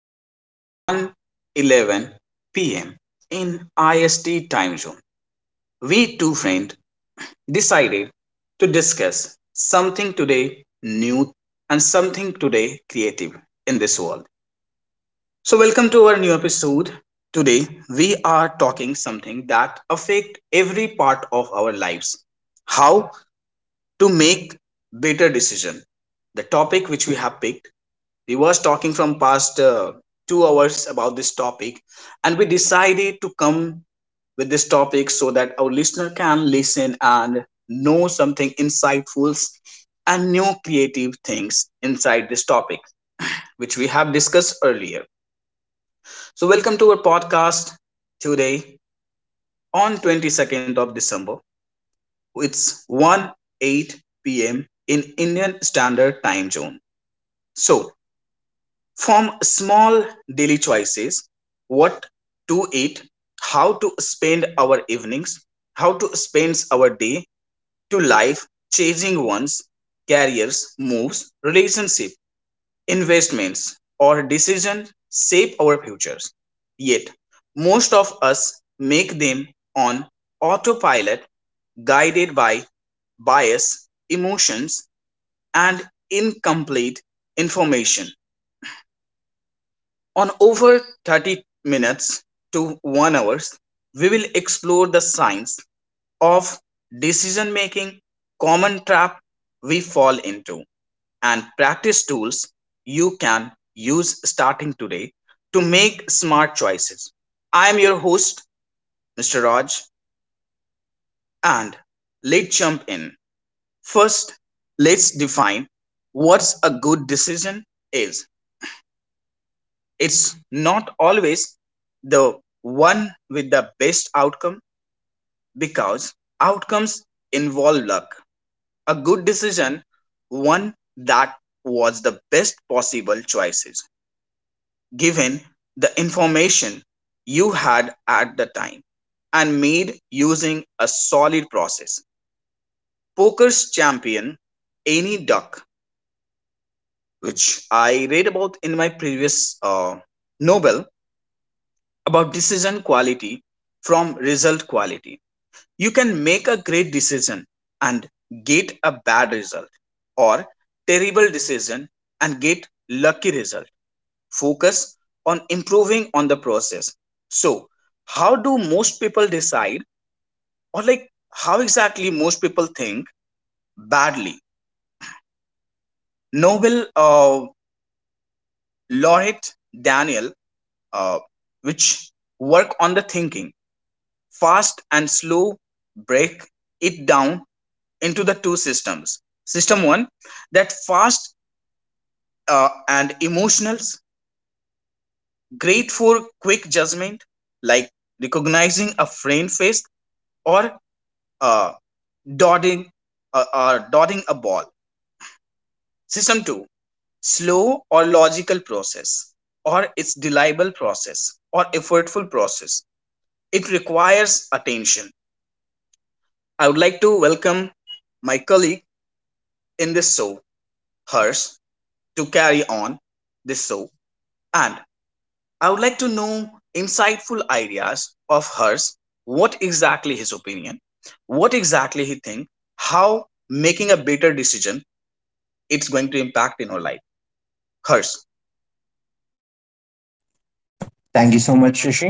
now, 1:11 p.m. in IST time zone. We two friends decided to discuss something today new and something today creative in this world. So welcome to our new episode. Today we are talking something that affect every part of our lives. How to make better decision. The topic which we have picked, we was talking from past 2 hours about this topic, and we decided to come with this topic so that our listener can listen and know something insightful and new creative things inside this topic which we have discussed earlier. So welcome to our podcast today on 22nd of December. It's 1:8 p.m in Indian standard time zone. So from small daily choices, what to eat, how to spend our evenings, how to spend our day to life, changing one's careers, moves, relationship, investments, or decisions shape our futures. Yet most of us make them on autopilot, guided by bias, emotions, and incomplete information. On over 30 minutes to 1 hours, we will explore the science of decision making, common trap we fall into, and practice tools you can use starting today to make smart choices. I am your host, Mr. Raj, and let's jump in. First, let's define what a good decision is. It's not always the one with the best outcome, because outcomes involve luck. A good decision, one that was the best possible choices given the information you had at the time and made using a solid process. Poker's champion, Annie Duck, which I read about in my previous novel, about decision quality from result quality. You can make a great decision and get a bad result, or terrible decision and get lucky result. Focus on improving on the process. So how do most people decide, or like how exactly most people think badly? Nobel laureate Daniel uh, which work on the thinking Fast and slow break it down into the two systems. System one, that fast and emotionals, great for quick judgment, like recognizing a friend face or uh, dotting uh, dotting a ball. System two, slow or logical process, or its reliable process or effortful process. It requires attention. I would like to welcome my colleague in this show, Harsh, to carry on this show. And I would like to know insightful ideas of hers. What exactly his opinion? What exactly he think? How making a better decision, it's going to impact in her life? Hers. Thank you so much, Shashi,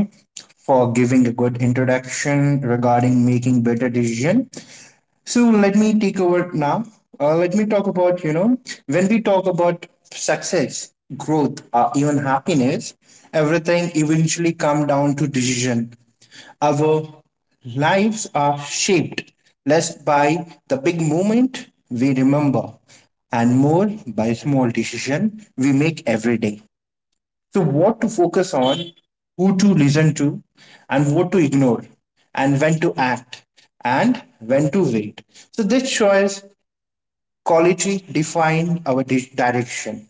for giving a good introduction regarding making better decision. So let me take over now. Let me talk about when we talk about success, growth, even happiness, everything eventually come down to decision. Our lives are shaped less by the big moment we remember and more by small decision we make every day. So, what to focus on, who to listen to, and what to ignore, and when to act, and when to wait. So, this choice quality define our direction.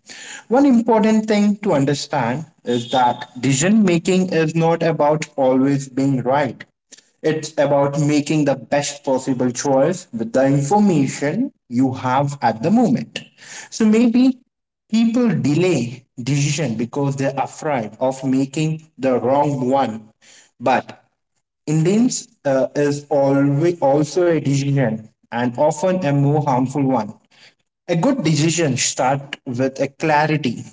One important thing to understand is that decision making is not about always being right. It's about making the best possible choice with the information you have at the moment. So maybe people delay decision because they're afraid of making the wrong one. But indulgence is always also a decision and often a more harmful one. A good decision starts with a clarity.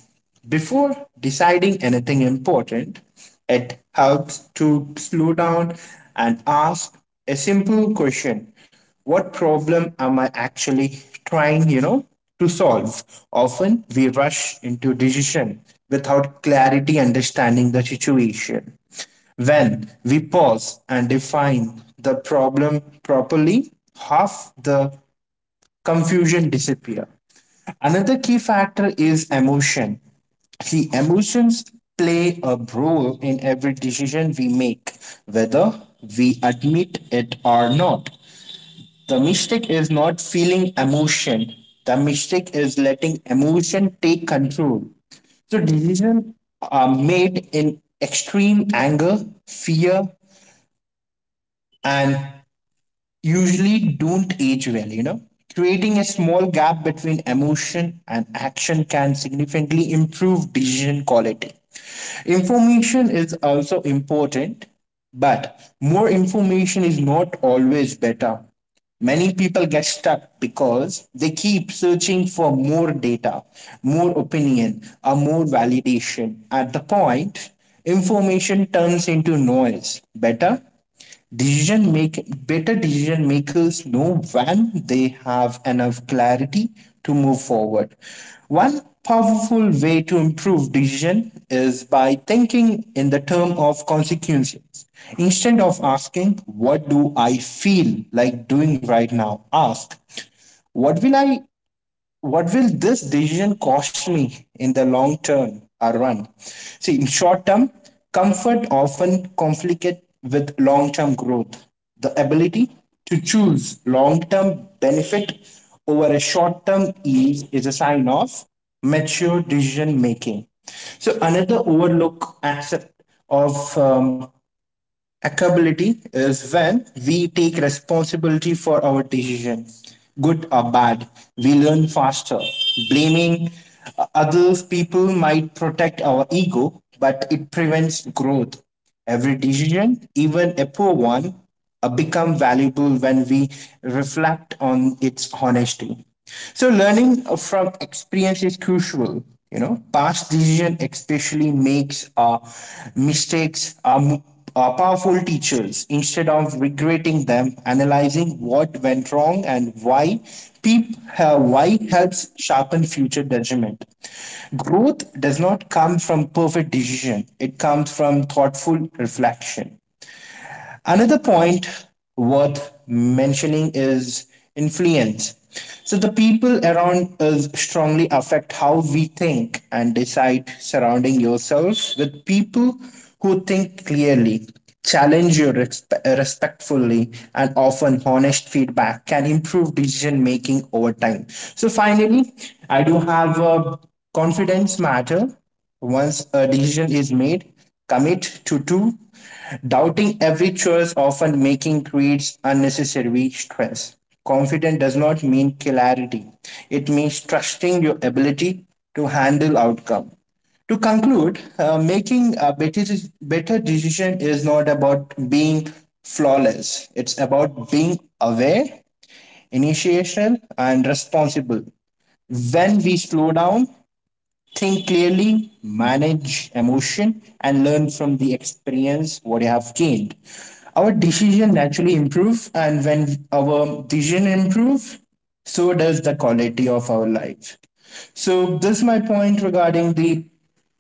Before deciding anything important, it helps to slow down and ask a simple question. What problem am I actually trying, to solve? Often we rush into decision without clarity understanding the situation. When we pause and define the problem properly, half the confusion disappear. Another key factor is emotion. See, emotions play a role in every decision we make, whether we admit it or not. The mistake is not feeling emotion. The mistake is letting emotion take control. So decisions are made in extreme anger, fear, and usually don't age well. Creating a small gap between emotion and action can significantly improve decision quality. Information is also important, but more information is not always better. Many people get stuck because they keep searching for more data, more opinion, or more validation. At the point, information turns into noise. Better decision makers know when they have enough clarity to move forward. One powerful way to improve decision is by thinking in the term of consequences. Instead of asking, what do I feel like doing right now? Ask, what will I what will this decision cost me in the long term or run? See, in short term, comfort often conflicts with long term growth. The ability to choose long term benefit over a short term ease is a sign of mature decision making. So, another overlook aspect of accountability is when we take responsibility for our decision, good or bad. We learn faster. Blaming others people might protect our ego, but it prevents growth. Every decision, even a poor one, become valuable when we reflect on its honesty. So learning from experience is crucial. Past decision especially makes, mistakes are powerful teachers. Instead of regretting them, analyzing what went wrong and why, why helps sharpen future judgment. Growth does not come from perfect decision. It comes from thoughtful reflection. Another point worth mentioning is influence. So, the people around us strongly affect how we think and decide. Surrounding yourselves with people who think clearly, challenge you respectfully, and often honest feedback can improve decision making over time. So, finally, I do have a confidence matter once a decision is made, commit to two. Doubting every choice often making creates unnecessary stress. Confidence does not mean clarity. It means trusting your ability to handle outcome. To conclude, making a better decision is not about being flawless. It's about being aware, initiational, and responsible. When we slow down, think clearly, manage emotion, and learn from the experience what you have gained. Our decision naturally improve, and when our decision improve, so does the quality of our life. So this is my point regarding the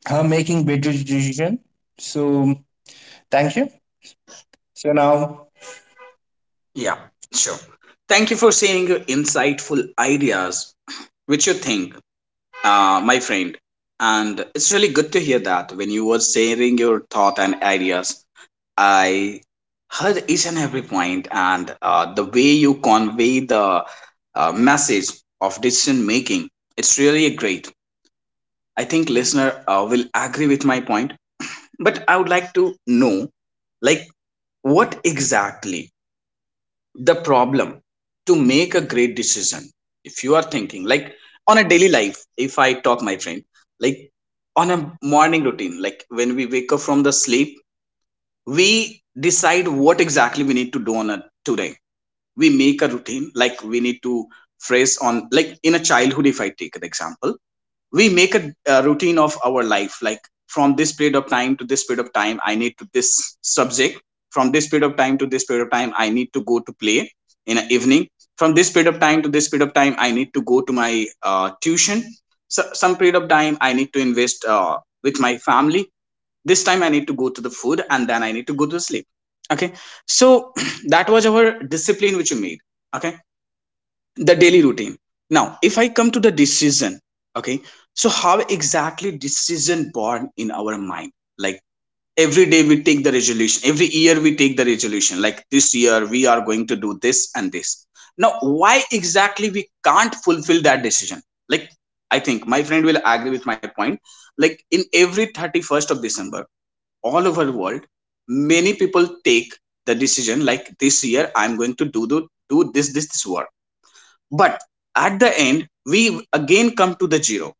making better decision. So thank you. So now. Yeah, sure. Thank you for sharing your insightful ideas, which you think, my friend. And it's really good to hear that when you were sharing your thought and ideas. I heard each and every point, and the way you convey the message of decision making, it's really great. I think listener will agree with my point, but I would like to know, like, what exactly the problem to make a great decision? If you are thinking, like, on a daily life, if I talk, my friend, like, on a morning routine, like when we wake up from the sleep, we decide what exactly we need to do on a today. We make a routine, like we need to phrase on, like in a childhood if I take an example, we make a routine of our life, like from this period of time to this period of time I need to this subject, from this period of time to this period of time I need to go to play in the evening, from this period of time to this period of time I need to go to my tuition. So some period of time I need to invest with my family. This time I need to go to the food, and then I need to go to the sleep. Okay. So that was our discipline which we made. Okay, the daily routine. Now if I come to the decision. Okay. So how exactly decision born in our mind? Like every day we take the resolution, every year we take the resolution, like this year we are going to do this and this. Now why exactly we can't fulfill that decision? Like I think my friend will agree with my point. Like in every 31st of December, all over the world, many people take the decision like this year I'm going to do this this this work. But at the end, we again come to the zero.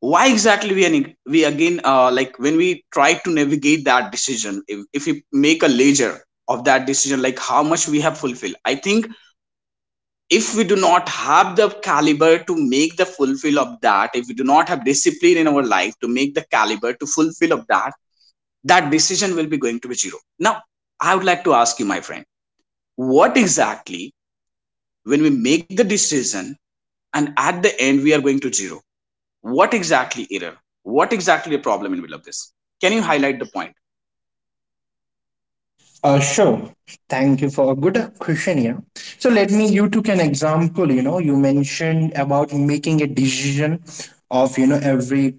Why exactly we are, we again like when we try to navigate that decision, if we make a ledger of that decision, like how much we have fulfilled, I think if we do not have the caliber to make the fulfill of that, if we do not have discipline in our life to make the caliber to fulfill of that, that decision will be going to be zero. Now I would like to ask you, my friend, what exactly, when we make the decision and at the end we are going to zero? What exactly error? What exactly a problem in the middle of this? Can you highlight the point? Sure. Thank you for a good question here. So let me you took an example. You know, you mentioned about making a decision of every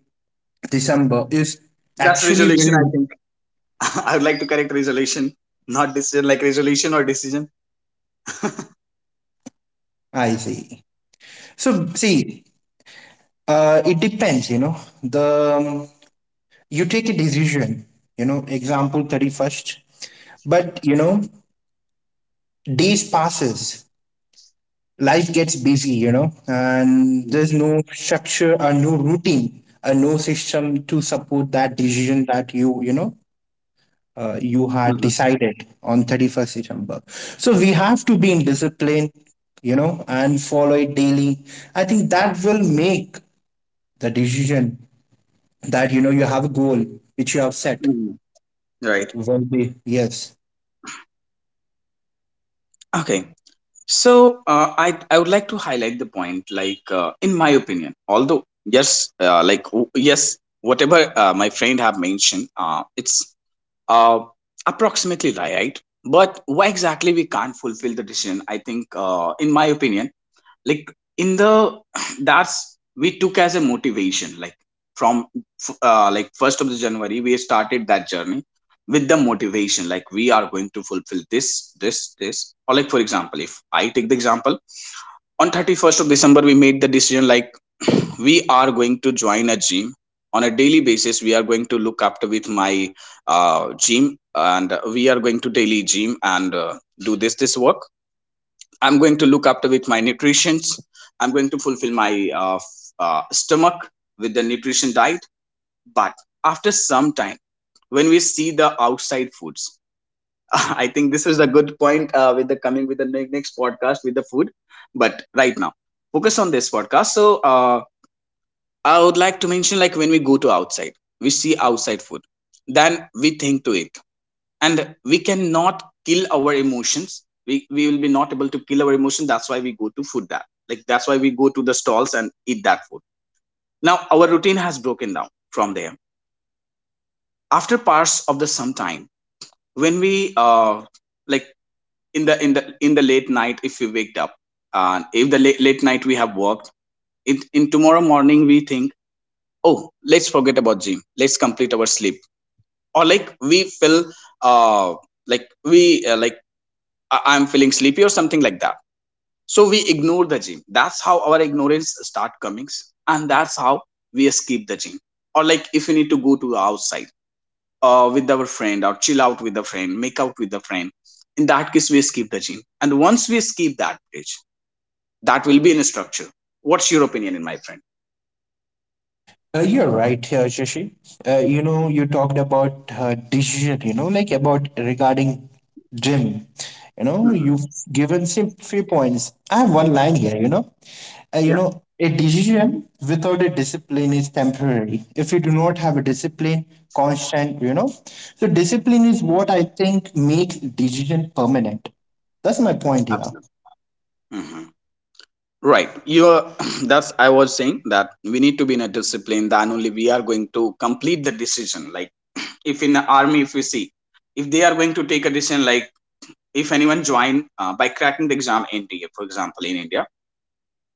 December is That's actually resolution, very. I think. I would like to correct resolution, not decision, like resolution or decision. I see. So see, it depends. You know, the you take a decision. You know, example 31st, but you know days passes life gets busy, you know, and there's Mhm, no structure or no routine or no system to support that decision that you had mhm, decided on 31st December. So we have to be in discipline, and follow it daily. I think that will make the decision that, you have a goal which you have set mhm. Right. will be, yes. Okay. So I would like to highlight the point, like in my opinion, although yes, like yes, whatever my friend have mentioned, it's uh, approximately right. Right? But why exactly we can't fulfill the decision? I think, in my opinion, like in the that's, we took as a motivation, like from like first of the January we started that journey with the motivation like we are going to fulfill this this this. Or like for example, if I take the example, on 31st of December we made the decision like we are going to join a gym. On a daily basis we are going to look after with my gym, and we are going to daily gym and do this this work. I'm going to look after with my nutritions. I'm going to fulfill my stomach with the nutrition diet. But after some time, when we see the outside foods, I think this is a good point with the coming with the next podcast with the food. But right now, focus on this podcast. So I would like to mention, like when we go to outside, we see outside food, then we think to it, and we cannot kill our emotions, we will be not able to kill our emotion. That's why we go to food that, like, that's why we go to the stalls and eat that food. Now our routine has broken down from there. After parts of the sometime, when we like in the late night if we waked up, and if the late night we have worked, in tomorrow morning we think, oh let's forget about gym, let's complete our sleep. Or like we feel uh like we like I'm feeling sleepy or something like that. So we ignore the gym. That's how our ignorance start comings, and that's how we escape the gym. Or like if we need to go to outside with our friend or chill out with a friend, make out with a friend, in that case we escape the gym, and once we escape that bridge, that will be in a structure. What's your opinion in my friend? You're right, here, Shashi. You talked about decision, like about regarding gym. Hmm You've given some few points. I have one line here. Yeah, A decision without a discipline is temporary. If you do not have a discipline, constant. So discipline is what I think makes decision permanent. That's my point here. absolutely. hmm Right. That's, I was saying that we need to be in a discipline, then only we are going to complete the decision. Like, if in the army, if we see, if they are going to take a decision, like if anyone join by cracking the exam NTA, for example, in India,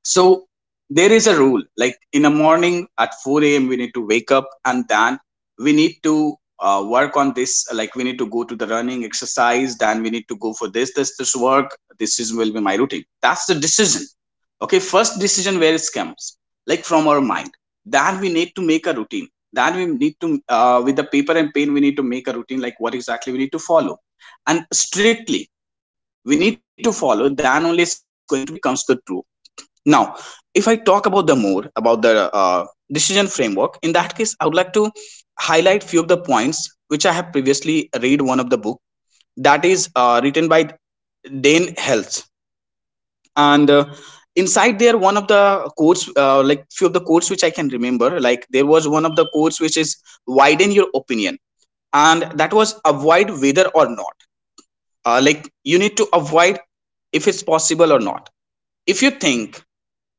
so there is a rule. Like in the morning at 4 a.m. we need to wake up, and then we need to work on this. Like we need to go to the running exercise. Then we need to go for this, this, this work. This is will be my routine. That's the decision. Okay, first decision where it comes, like from our mind. Then we need to make a routine. Then we need to with the paper and pen we need to make a routine like what exactly we need to follow, and strictly we need to follow. Then only it's going to be comes the truth now, if I talk about the more about the decision framework, in that case, I would like to highlight few of the points which I have previously read one of the book that is written by Dane Health, and inside there one of the quotes like few of the quotes which I can remember, like there was one of the quotes which is widen your opinion, and that was avoid whether or not. Like you need to avoid if it's possible or not. If you think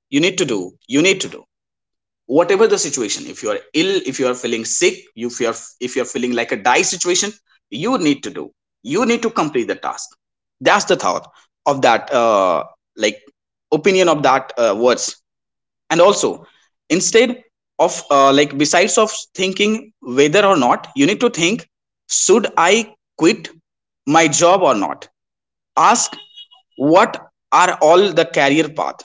you need to do, you need to do whatever the situation, if you are ill, if you are feeling sick, if you are, if you are feeling like a die situation, you need to do, you need to complete the task. That's the thought of that, like opinion of that words. And also instead of like besides of thinking whether or not, you need to think, should I quit my job or not, ask what are all the career path.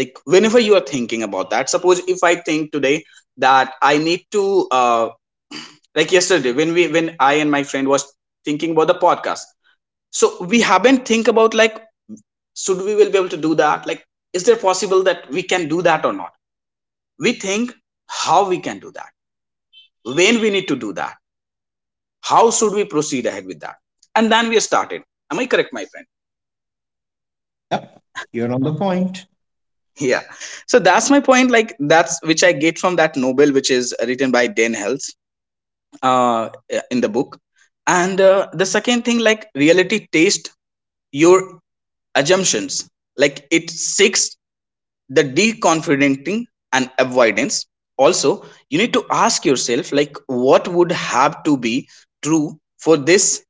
Like whenever you are thinking about that, suppose if I think today that I need to like yesterday when we when I and my friend was thinking about the podcast, so we haven't think about like should we will be able to do that, like is there possible that we can do that or not. We think how we can do that, when we need to do that, how should we proceed ahead with that, and then we started. Am I correct, my friend? Yep, you're on the point. Yeah. So that's my point, like that's which I get from that novel which is written by Dan Hells uh, in the book. And the second thing, like reality test your assumptions, like it seeks the deconfidenting and avoidance. Also you need to ask yourself like what would have to be true for this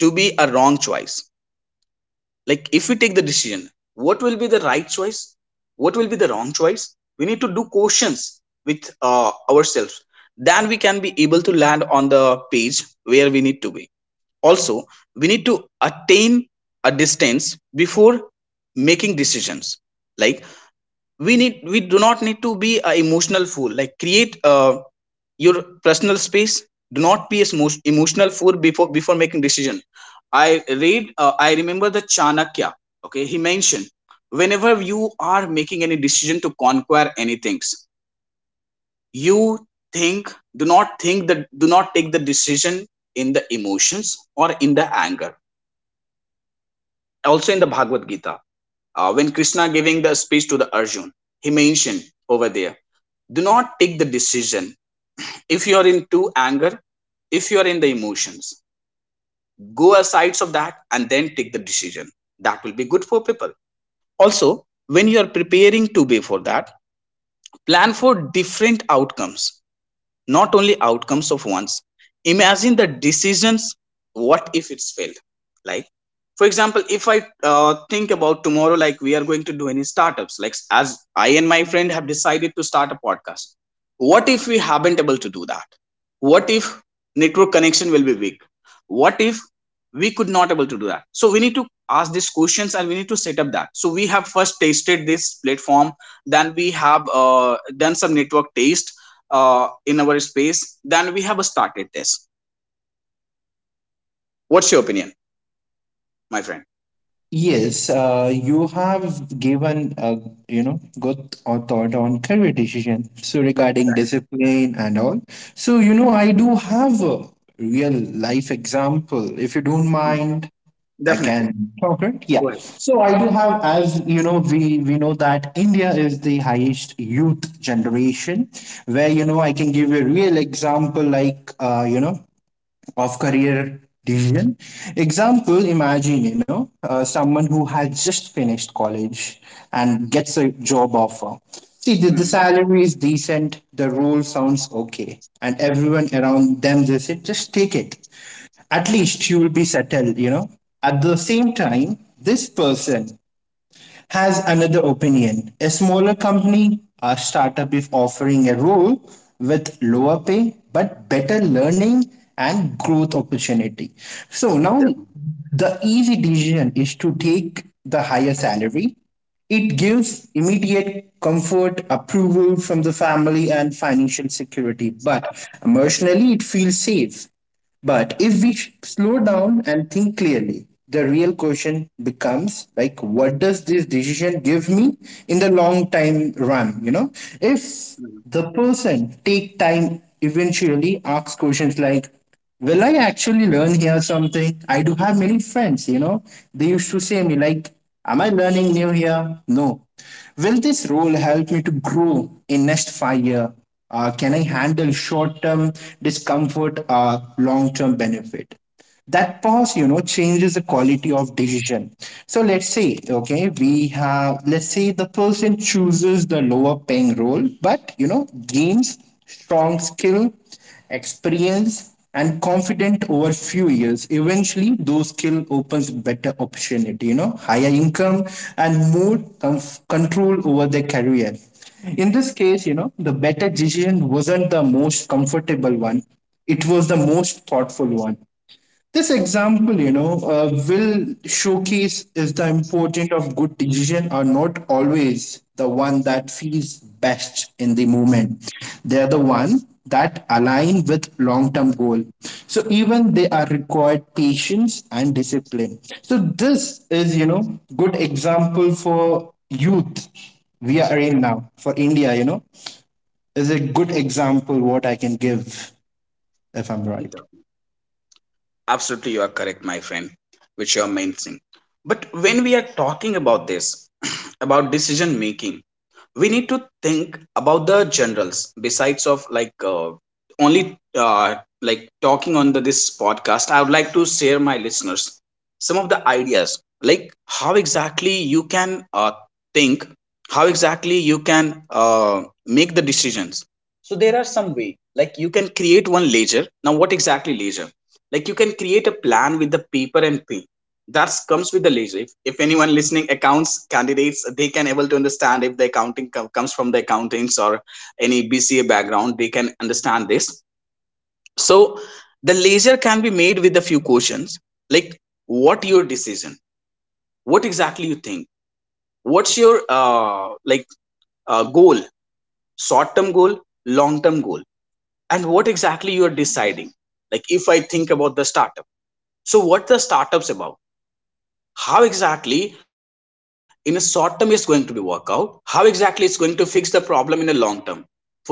to be a wrong choice. Like if we take the decision, what will be the right choice, what will be the wrong choice, we need to do questions with ourselves. Then we can be able to land on the page where we need to be. Also we need to attain a distance before making decisions. Like we need, we do not need to be a emotional fool. Like create your personal space, do not be a emotional fool before making decision. i I remember the Chanakya, okay, he mentioned whenever you are making any decision to conquer anything, you think, do not think that, do not take the decision in the emotions or in the anger. Also in the Bhagavad Gita, when Krishna giving the speech to the Arjun, he mentioned over there, do not take the decision if you are into anger, if you are in the emotions. Go aside of that and then take the decision. That will be good for people. Also when you are preparing to be for that, plan for different outcomes, not only outcomes of ones. Imagine the decisions, what if it's failed. Like for example, if I think about tomorrow, like we are going to do any startups, like as I and my friend have decided to start a podcast, what if we haven't able to do that, what if network connection will be weak, what if we could not able to do that. So we need to ask these questions and we need to set up that. So we have first tasted this platform, then we have done some network test in our space, then we have a started this. What's your opinion, my friend? Yes, you have given a good or thought on career decision. So regarding Right. discipline and all, so I do have a real life example. If you don't Mhm. mind, I Definitely. can talk right. Go Yeah. ahead. So I do have, as you know, we know that India is the highest youth generation, where I can give you a real example, like of career decision. Example, imagine, someone who had just finished college and gets a job offer. See, the Mhm. salary is decent, the role sounds okay, and everyone around them, they say, just take it. At least you will be settled. At the same time, this person has another opinion. A smaller company, a startup is offering a role with lower pay but better learning and growth opportunity. So now Definitely. the easy decision is to take the higher salary. It gives immediate comfort, approval from the family, and financial security. But emotionally, it feels safe. But if we slow down and think clearly, the real question becomes like, what does this decision give me in the long time run? If Mhm. the person take time eventually ask questions like, will I actually learn here something? I do have many friends, they used to say me like, am I learning new here? No. Will this role help me to grow in next 5 year? Can I handle short term discomfort or long term benefit? That pause, changes the quality of decision. So let's say, okay, we have let's say the person chooses the lower paying role but gains strong skill, experience, and confident over few years. Eventually those skill opens better opportunity, higher income and more control over their career. In this case, the better decision wasn't the most comfortable one. It was the most thoughtful one. This example, will showcase if the importance of good decision are not always the one that feels best in the moment. They are the one that align with long-term goal. So even they are required patience and discipline. So this is, good example for youth we are in now for india, is a good example what I can give, if I'm right. Definitely. Absolutely, you are correct, my friend, which you are mentioning. But when we are talking about this, about decision making, we need to think about the generals besides of like only, like talking on the, this podcast, I would like to share my listeners some of the ideas, like how exactly you can think, how exactly you can make the decisions. So there are some way, like you can create one ledger. Now what exactly ledger, like you can create a plan with the paper and pen. That comes with the leisure. If anyone listening accounts candidates, they can able to understand, if the accounting comes from the accountants or any BCA background, they can understand this. So the leisure can be made with a few questions, like what your decision, what exactly you think, what's your like goal, short term goal, long term goal, and what exactly you are deciding. Like if I think about the startup, so what the startups about, how exactly in a short term is going to be work out, how exactly it's going to fix the problem in a long term, for the person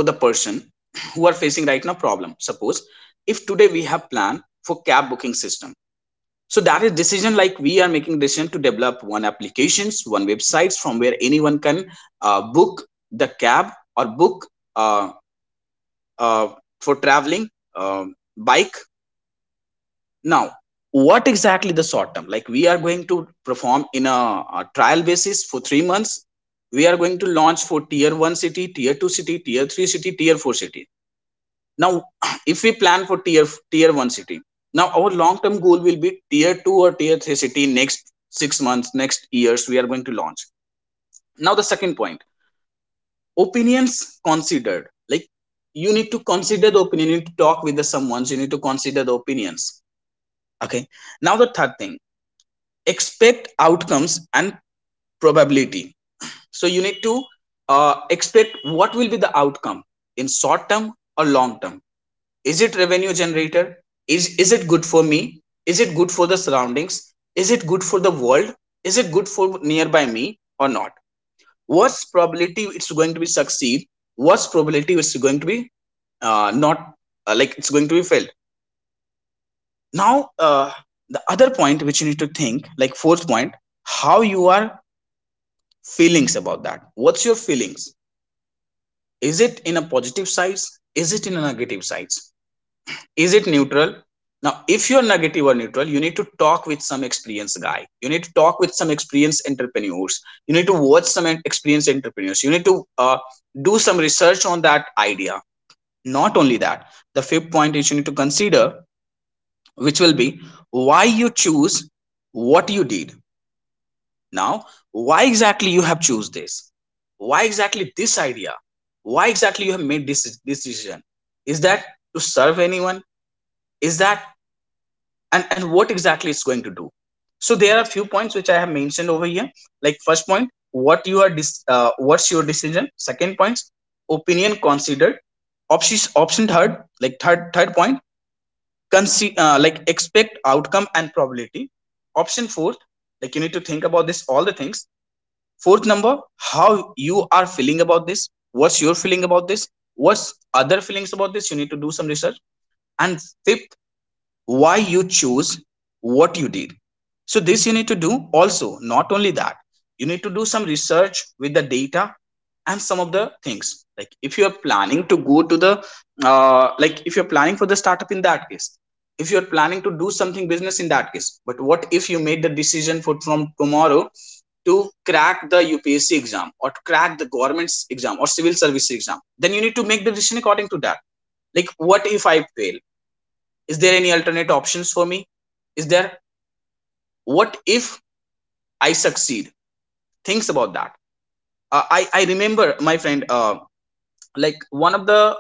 who are facing right now problem. Suppose if today we have plan for cab booking system, so that is decision, like we are making decision to develop one applications, one websites from where anyone can book the cab or book uh, uh, for traveling, bike. Now, what exactly the short term? Like we are going to perform in a trial basis for 3 months. We are going to launch for tier one city, tier two city, tier three city, tier four city. Now, if we plan for tier one city, now our long term goal will be tier two or tier three city, next 6 months, next years we are going to launch. Now, the second point, opinions considered. Like you need to consider the opinion. You need to talk with the someone. You need to consider the opinions. Okay. Now the third thing, expect outcomes and probability. So you need to expect what will be the outcome in short term or long term. Is it revenue generator, is it good for me, is it good for the surroundings, is it good for the world, is it good for nearby me or not. What's probability it's going to be succeed, what's probability it's going to be not, like it's going to be failed. Now, the other point which you need to think, like fourth point, how you are feelings about that, what's your feelings. Is it in a positive sides, is it in a negative sides, is it neutral. Now if you're negative or neutral, you need to talk with some experienced guy, you need to talk with some experienced entrepreneurs, you need to watch some experienced entrepreneurs, you need to do some research on that idea. Not only that, the fifth point is you need to consider which will be, why you choose what you did. Now, why exactly you have choose this? Why exactly this idea? Why exactly you have made this decision? Is that to serve anyone? Is that and what exactly it's going to do? So there are few points which I have mentioned over here. Like first point, what you are what's your decision? Second point, opinion considered. Option third, like third point, like expect outcome and probability. Option fourth, like you need to think about this all the things, fourth number, how you are feeling about this, what's your feeling about this, what's other feelings about this. You need to do some research. And fifth, why you choose what you did. So this you need to do. Also not only that, you need to do some research with the data and some of the things. Like if you are planning to go to the, like if you're planning for the startup, in that case, if you're planning to do something business, in that case, but what if you made the decision for from tomorrow to crack the UPSC exam or to crack the government's exam or civil service exam, then you need to make the decision according to that. Like, what if I fail? Is there any alternate options for me? Is there, what if I succeed? Things about that. I remember my friend, like one of the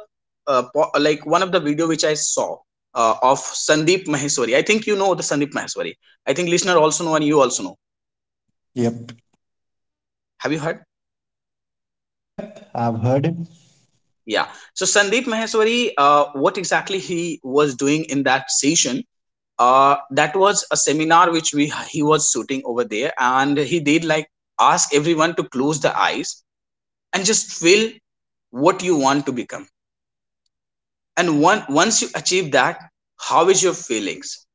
like one of the video which I saw of Sandeep Maheshwari. I think you know the Sandeep Maheshwari. I think listener also know and you also know. Yep. Have you heard? Yep, I've heard him. Yeah. So Sandeep Maheshwari, what exactly he was doing in that session? That was a seminar which we he was shooting over there, and he did like ask everyone to close the eyes and just feel what you want to become. And once you achieve that, how is your feelings?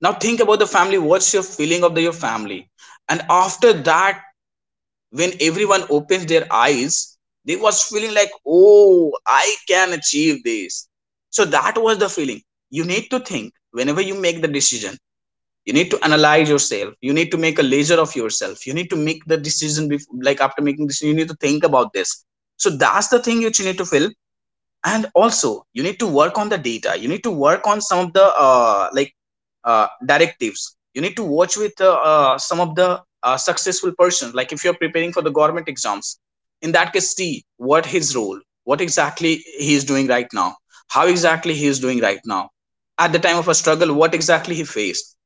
Now think about the family. What's your feeling of the, your family? And after that, when everyone opens their eyes they was feeling like, oh, I can achieve this. So that was the feeling you need to think whenever you make the decision. You need to analyze yourself, you need to make a leisure of yourself, you need to make the decision before, like after making decision you need to think about this. So that's the thing which you need to feel. And also you need to work on the data, you need to work on some of the directives. You need to watch with some of the successful persons. Like if you're preparing for the government exams, in that case see what his role, what exactly he is doing right now, how exactly he is doing right now. At the time of a struggle, what exactly he faced.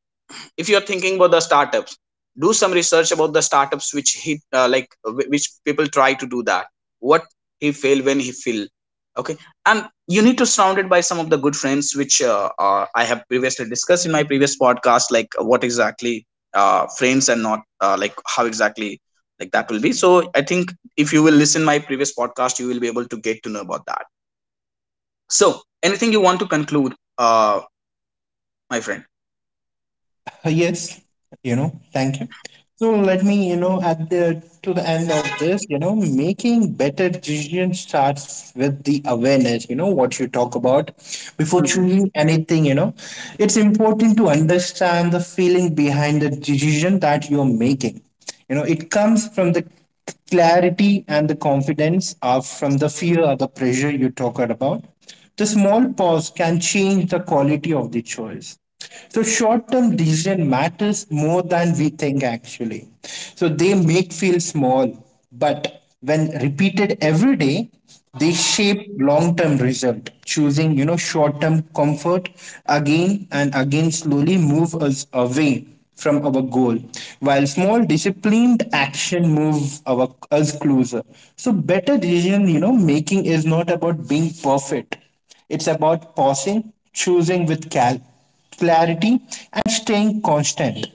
If you're thinking about the startups, do some research about the startups which he, which people try to do that, what he failed, when he failed, okay? And you need to surround it by some of the good friends, which I have previously discussed in my previous podcast, like what exactly friends and not, like how exactly, like that will be. So I think if you will listen my previous podcast, you will be able to get to know about that. So anything you want to conclude, uh, my friend? Yes, thank you. So let me, at the to the end of this, making better decision starts with the awareness, what you talk about. Before choosing anything, it's important to understand the feeling behind the decision that you're making. It comes from the clarity and the confidence are from the fear or the pressure you talked about. The small pause can change the quality of the choice. So short-term decision matters more than we think actually. So they make feel small, but when repeated every day, they shape long-term result, choosing, short-term comfort again and again, slowly move us away from our goal, while small disciplined action move our us closer. So better decision, making is not about being perfect. It's about pausing, choosing with clarity, and staying constant.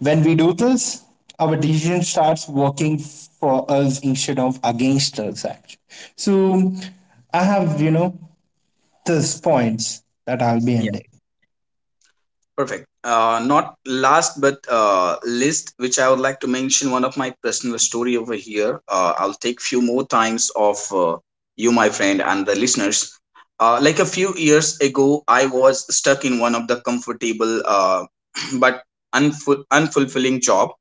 When we do this, our decision starts working for us instead of against us. Actually. So I have, these points that I'll be ending. Perfect. Not last but least, which I would like to mention one of my personal story over here. I'll take few more times of you, my friend, and the listeners. Like a few years ago, I was stuck in one of the comfortable but unfulfilling job,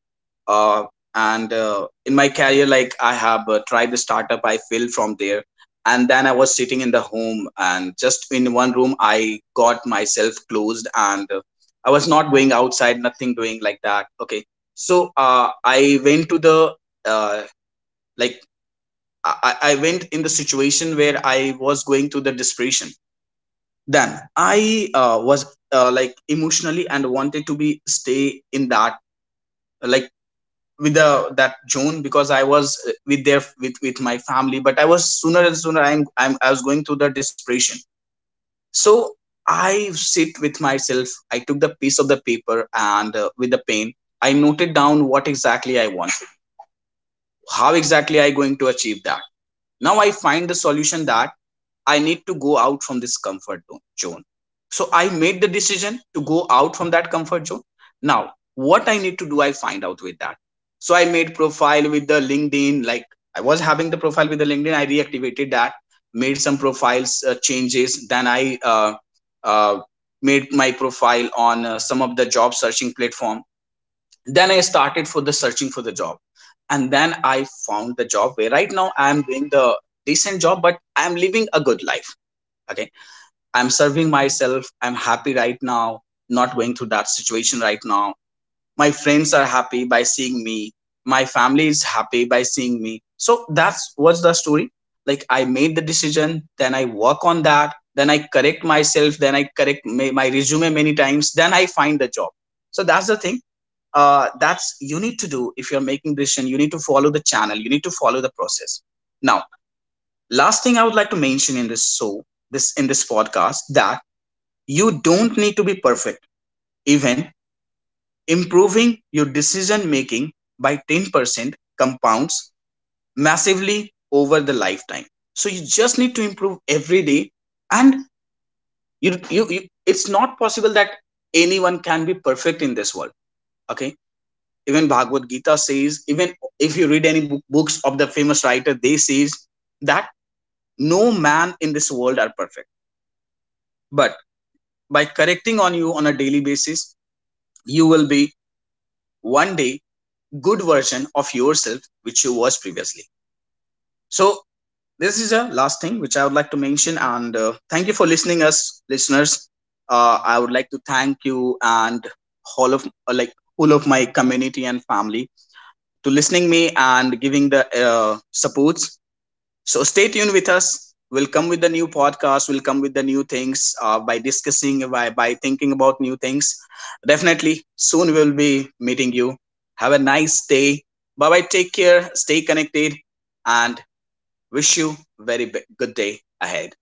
uh, and in my career, like I have tried the startup, I failed from there. And then I was sitting in the home, and just in one room I got myself closed. And I was not going outside, nothing doing like that, okay? So I went to the uh, like I, I went in the situation where I was going through the desperation. Then I was, like, emotionally and wanted to be stay in that, like, with the that June, because I was with their, with my family, but I was sooner and sooner. I'm I was going through the depression. So I sit with myself. I took the piece of the paper and, with the pen, I noted down what exactly I want, how exactly I going to achieve that. Now I find the solution that I need to go out from this comfort zone. So I made the decision to go out from that comfort zone. Now, what I need to do, I find out with that. So I made profile with the LinkedIn, like I was having the profile with the LinkedIn. I reactivated that, made some profiles changes. Then I uh, made my profile on some of the job searching platform. Then I started for the searching for the job, and then I found the job where right now I am doing the decent job, but I am living a good life. Okay? I'm serving myself, I'm happy right now, not going through that situation right now. My friends are happy by seeing me, my family is happy by seeing me. So that's what's the story. Like, I made the decision, then I work on that, then I correct myself, then I correct my resume many times, then I find the job. So that's the thing. That's you need to do. If you're making decision, you need to follow the channel, you need to follow the process. Now last thing I would like to mention in this, so this in this podcast, that you don't need to be perfect. Even improving your decision making by 10% compounds massively over the lifetime. So you just need to improve every day. And you it's not possible that anyone can be perfect in this world. Okay? Even Bhagavad Gita says, even if you read any book, books of the famous writer, they says that no man in this world are perfect. But by correcting on you on a daily basis, you will be one day good version of yourself which you was previously. So this is the last thing which I would like to mention. And thank you for listening us, listeners. I would like to thank you and all of, all of my community and family, to listening me and giving the supports. So stay tuned with us. We'll come with the new podcast. We'll come with the new things, by discussing, by, thinking about new things. Definitely soon we'll be meeting you. Have a nice day. Bye bye. Take care. Stay connected and wish you very good day ahead.